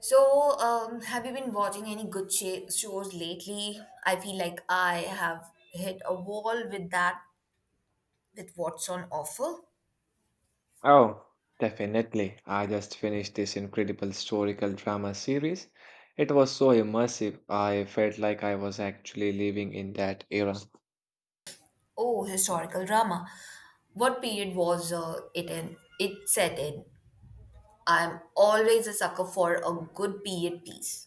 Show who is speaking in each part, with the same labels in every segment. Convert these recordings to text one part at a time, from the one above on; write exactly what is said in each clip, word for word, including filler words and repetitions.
Speaker 1: So, um, have you been watching any good sh- shows lately? I feel like I have hit a wall with that, with what's on offer.
Speaker 2: Oh, definitely. I just finished this incredible historical drama series. It was so immersive. I felt like I was actually living in that era.
Speaker 1: Oh, historical drama. What period was uh, it in? It set in. I'm always a sucker for a good period piece.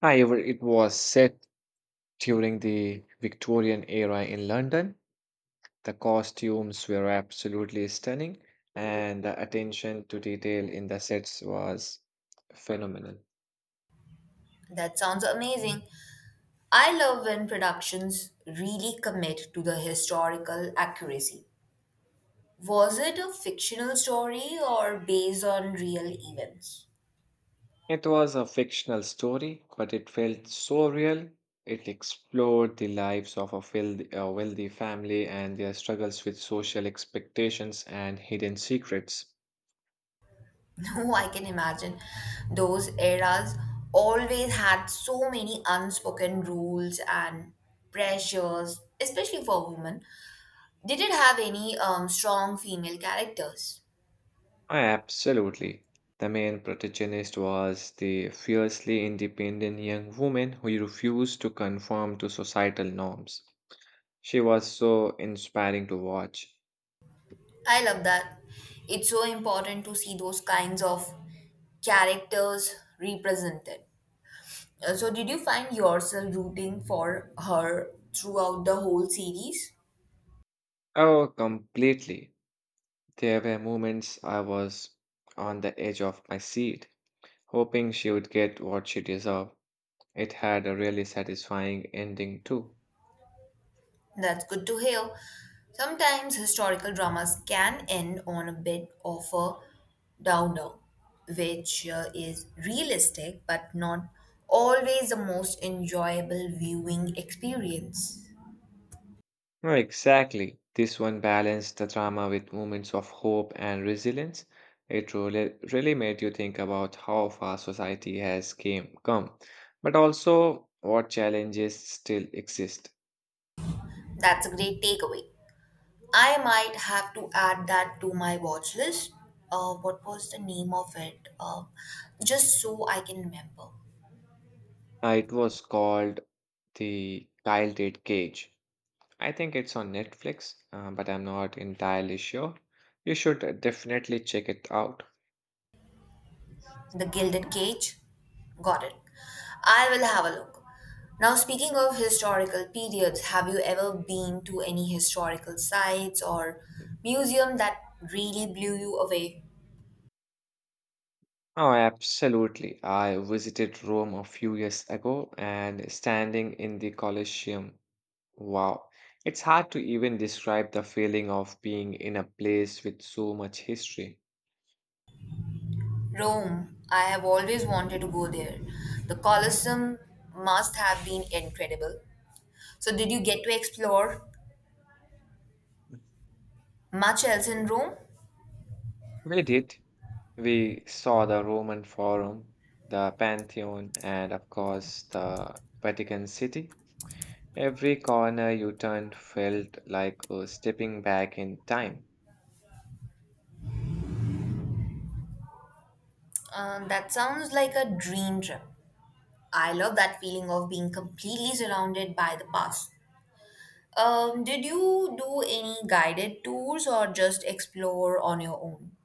Speaker 2: However, it was set during the Victorian era in London. The costumes were absolutely stunning, and the attention to detail in the sets was phenomenal.
Speaker 1: That sounds amazing. I love when productions really commit to the historical accuracy. Was it a fictional story or based on real events?
Speaker 2: It was a fictional story, but it felt so real. It explored the lives of a wealthy, a wealthy family and their struggles with social expectations and hidden secrets.
Speaker 1: No, I can imagine. Those eras always had so many unspoken rules and pressures, especially for women. Did it have any um, strong female characters?
Speaker 2: Absolutely. The main protagonist was the fiercely independent young woman who refused to conform to societal norms. She was so inspiring to watch.
Speaker 1: I love that. It's so important to see those kinds of characters represented. Uh, So, did you find yourself rooting for her throughout the whole series?
Speaker 2: Oh, completely. There were moments I was on the edge of my seat hoping she would get what she deserved. It had a really satisfying ending, too.
Speaker 1: That's good to hear. Sometimes historical dramas can end on a bit of a downer, which uh, is realistic but not always the most enjoyable viewing experience.
Speaker 2: No, exactly. This one balanced the drama with moments of hope and resilience. It really, really made you think about how far society has came, come, but also what challenges still exist.
Speaker 1: That's a great takeaway. I might have to add that to my watch list. Uh, what was the name of it? Uh, just so I can remember.
Speaker 2: Uh, it was called The Gilded Cage. I think it's on Netflix, uh, but I'm not entirely sure. You should uh, definitely check it out.
Speaker 1: The Gilded Cage? Got it. I will have a look. Now, speaking of historical periods, have you ever been to any historical sites or museum that really blew you away?
Speaker 2: Oh, absolutely. I visited Rome a few years ago and standing in the Colosseum. Wow. It's hard to even describe the feeling of being in a place with so much history.
Speaker 1: Rome. I have always wanted to go there. The Colosseum must have been incredible. So, did you get to explore much else in Rome?
Speaker 2: We did. We saw the Roman Forum, the Pantheon, and of course the Vatican City. Every corner you turned felt like uh, stepping back in time.
Speaker 1: Uh, that sounds like a dream trip. I love that feeling of being completely surrounded by the past. Um, did you do any guided tours or just explore on your own?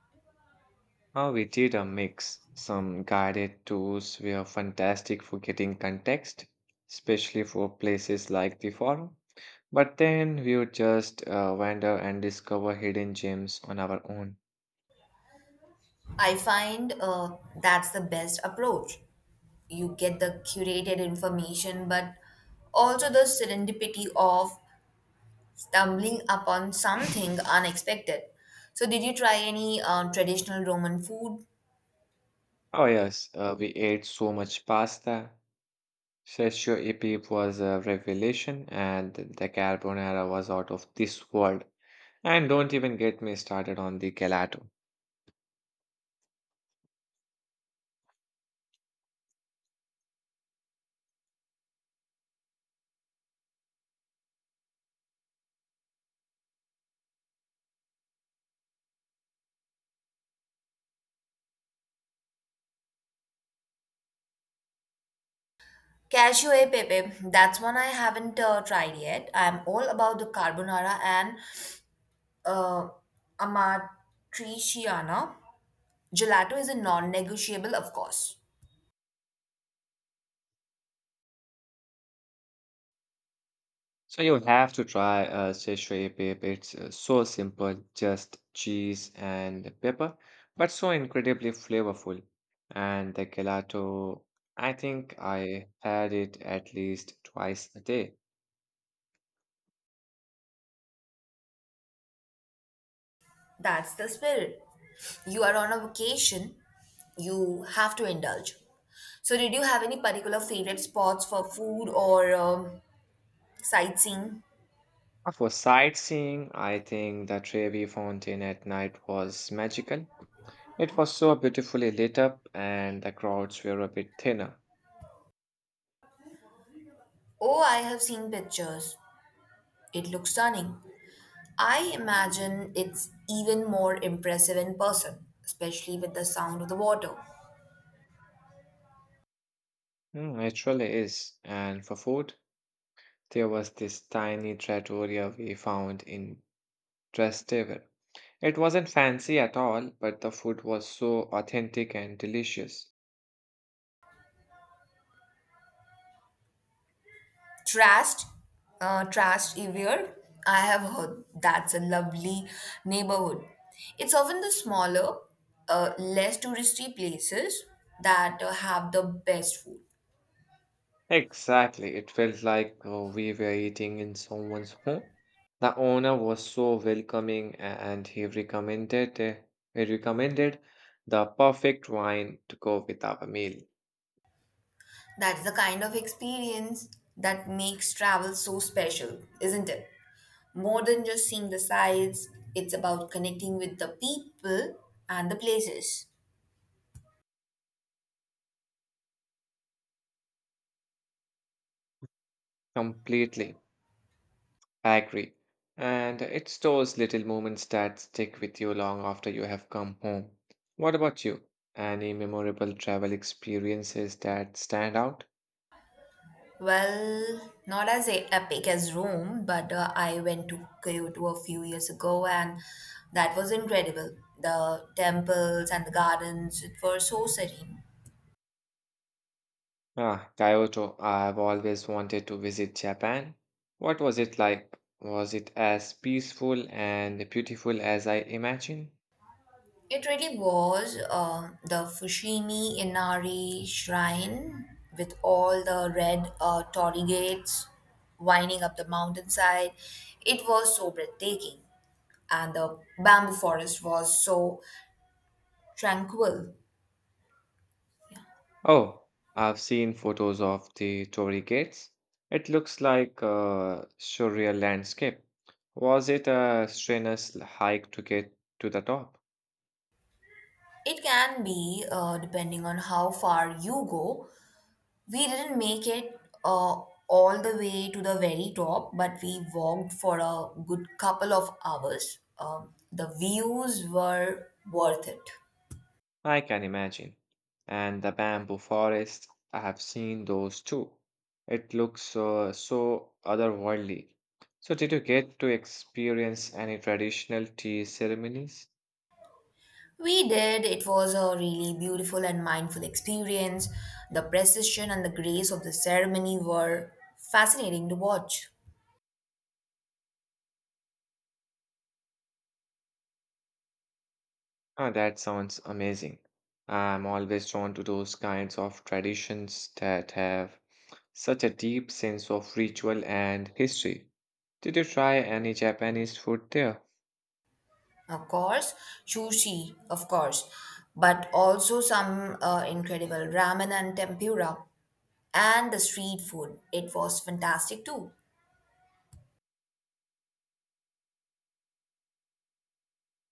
Speaker 2: How we did a mix. Some guided tours were fantastic for getting context, especially for places like the forum. But then we would just uh, wander and discover hidden gems on our own.
Speaker 1: I find uh, that's the best approach. You get the curated information, but also the serendipity of stumbling upon something unexpected. So, did you try any uh, traditional Roman food?
Speaker 2: Oh, yes, uh, we ate so much pasta. Cacio e pepe was a revelation, and the carbonara was out of this world. And don't even get me started on the gelato.
Speaker 1: Cashew e pepe, that's one I haven't uh, tried yet. I'm all about the carbonara and uh, amatriciana. Gelato is a non negotiable, of course.
Speaker 2: So you have to try uh, szechuan pep. It's uh, so simple, just cheese and pepper, but so incredibly flavorful. And the gelato, I think I had it at least twice a day.
Speaker 1: That's the spirit. You are on a vacation, you have to indulge. So, did you have any particular favorite spots for food or um, sightseeing?
Speaker 2: Uh, For sightseeing, I think the Trevi Fountain at night was magical. It was so beautifully lit up, and the crowds were a bit thinner.
Speaker 1: Oh, I have seen pictures. It looks stunning. I imagine it's even more impressive in person, especially with the sound of the water.
Speaker 2: Mm, it really is. And for food, there was this tiny trattoria we found in Trust table. It wasn't fancy at all, but the food was so authentic and delicious.
Speaker 1: Trashed, uh, trashed Evier. I have heard that's a lovely neighborhood. It's often the smaller, uh, less touristy places that uh, have the best food.
Speaker 2: Exactly, it felt like uh, we were eating in someone's home. The owner was so welcoming a- and he recommended uh, he recommended the perfect wine to go with our meal.
Speaker 1: That's the kind of experience that makes travel so special, isn't it? More than just seeing the sights, it's about connecting with the people and the places.
Speaker 2: Completely. I agree. And it's those little moments that stick with you long after you have come home. What about you? Any memorable travel experiences that stand out?
Speaker 1: Well, not as e- epic as Rome, but uh, I went to Kyoto a few years ago and that was incredible. The temples and the gardens it were so serene.
Speaker 2: Ah, Kyoto. I've always wanted to visit Japan. What was it like? Was it as peaceful and beautiful as I imagine?
Speaker 1: It really was um the Fushimi Inari shrine with all the red uh, torii gates winding up the mountainside. It was so breathtaking, and the bamboo forest was so tranquil.
Speaker 2: Oh, I've seen photos of the Torii Gates. It looks like a surreal landscape. Was it a strenuous hike to get to the top?
Speaker 1: It can be uh, depending on how far you go. We didn't make it uh, all the way to the very top, but we walked for a good couple of hours. Um, the views were worth it.
Speaker 2: I can imagine. And the bamboo forest, I have seen those too. It looks uh, so otherworldly. So, did you get to experience any traditional tea ceremonies?
Speaker 1: We did. It was a really beautiful and mindful experience. The precision and the grace of the ceremony were fascinating to watch.
Speaker 2: Ah, that sounds amazing. I'm always drawn to those kinds of traditions that have such a deep sense of ritual and history. Did you try any Japanese food there?
Speaker 1: Of course, sushi, of course, but also some uh, incredible ramen and tempura. And the street food, it was fantastic too.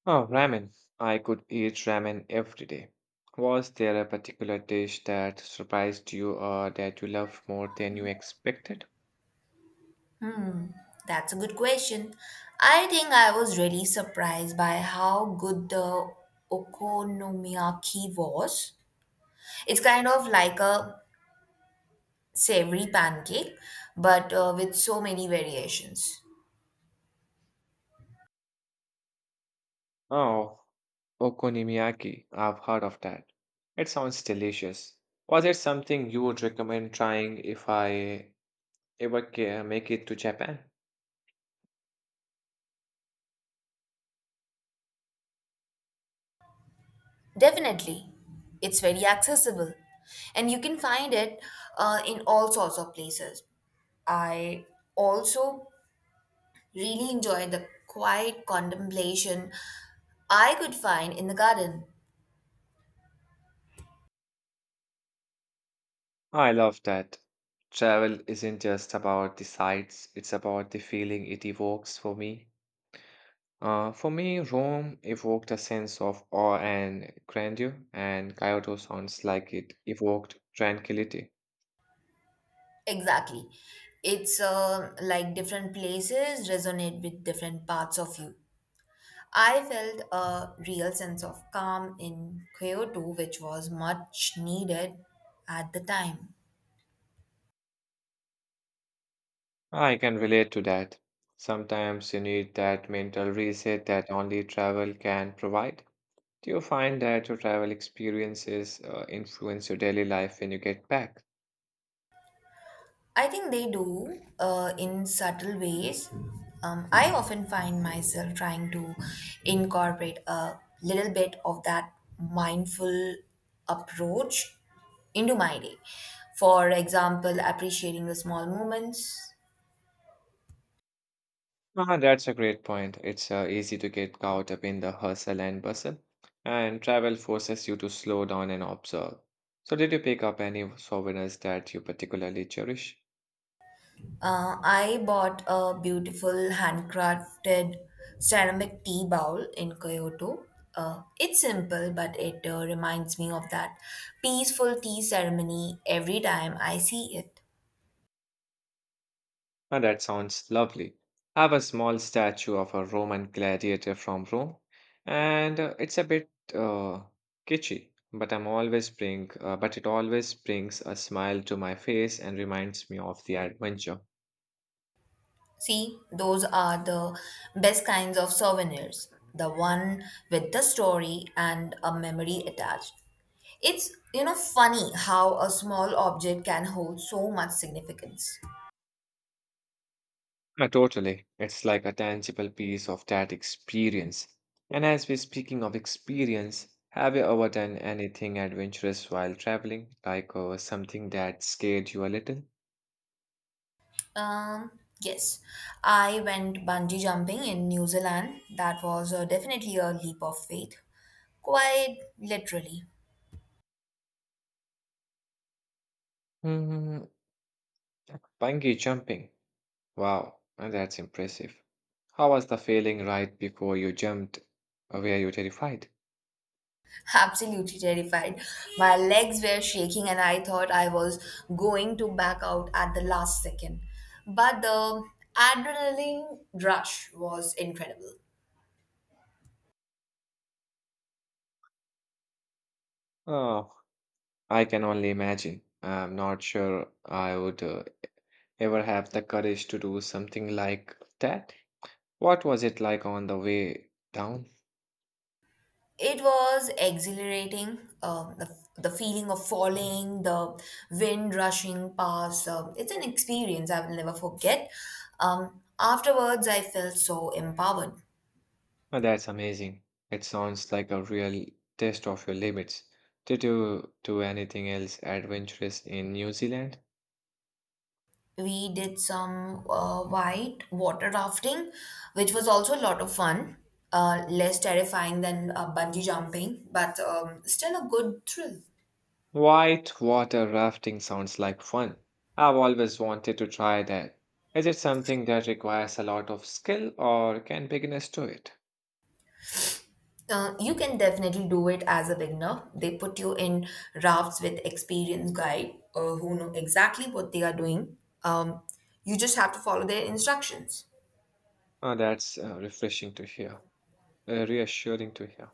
Speaker 2: Oh, ramen. I could eat ramen every day. Was there a particular dish that surprised you or that you loved more than you expected?
Speaker 1: That's a good question. I think I was really surprised by how good the okonomiyaki was. It's kind of like a savory pancake, but uh, with so many variations.
Speaker 2: Oh, okonomiyaki. I've heard of that. It sounds delicious. Was it something you would recommend trying if I ever ca- make it to Japan?
Speaker 1: Definitely, it's very accessible, and you can find it uh, in all sorts of places. I also really enjoy the quiet contemplation I could find in the garden.
Speaker 2: I love that. Travel isn't just about the sights, it's about the feeling it evokes for me. Uh, for me, Rome evoked a sense of awe and grandeur, and Kyoto sounds like it evoked tranquility.
Speaker 1: Exactly. It's uh, like different places resonate with different parts of you. I felt a real sense of calm in Kyoto, which was much needed at the time.
Speaker 2: I can relate to that. Sometimes you need that mental reset that only travel can provide. Do you find that your travel experiences uh, influence your daily life when you get back?
Speaker 1: I think they do uh, in subtle ways. Um, I often find myself trying to incorporate a little bit of that mindful approach into my day. For example, appreciating the small moments.
Speaker 2: Ah, that's a great point. It's uh, easy to get caught up in the hustle and bustle, and travel forces you to slow down and observe. So, did you pick up any souvenirs that you particularly cherish?
Speaker 1: Uh, I bought a beautiful handcrafted ceramic tea bowl in Kyoto. Uh, it's simple, but it uh, reminds me of that peaceful tea ceremony every time I see it.
Speaker 2: Ah, that sounds lovely. I have a small statue of a Roman gladiator from Rome, and uh, it's a bit uh, kitschy, but I'm always bring, uh, but it always brings a smile to my face and reminds me of the adventure.
Speaker 1: See, those are the best kinds of souvenirs. The one with the story and a memory attached. It's, you know, funny how a small object can hold so much significance.
Speaker 2: Uh, totally. It's like a tangible piece of that experience. And as we're speaking of experience, have you ever done anything adventurous while traveling? Like uh, something that scared you a little?
Speaker 1: Um, yes, I went bungee jumping in New Zealand. That was uh, definitely a leap of faith. Quite literally.
Speaker 2: Hmm, bungee jumping. Wow, uh, that's impressive. How was the feeling right before you jumped? Uh, Were you terrified?
Speaker 1: Absolutely terrified. My legs were shaking, and I thought I was going to back out at the last second. But the adrenaline rush was incredible.
Speaker 2: Oh, I can only imagine. I'm not sure I would uh, ever have the courage to do something like that. What was it like on the way down?
Speaker 1: It was exhilarating. Um, the, the feeling of falling, the wind rushing past. Um, it's an experience I will never forget. Um, afterwards, I felt so empowered.
Speaker 2: Oh, that's amazing. It sounds like a real test of your limits. Did you do anything else adventurous in New Zealand?
Speaker 1: We did some uh, white water rafting, which was also a lot of fun. Uh, less terrifying than uh, bungee jumping, but um, still a good thrill.
Speaker 2: White water rafting sounds like fun. I've always wanted to try that. Is it something that requires a lot of skill or can beginners do it?
Speaker 1: Uh, you can definitely do it as a beginner. They put you in rafts with experienced guide uh, who know exactly what they are doing. Um, you just have to follow their instructions.
Speaker 2: Oh, that's uh, refreshing to hear, uh, reassuring to hear.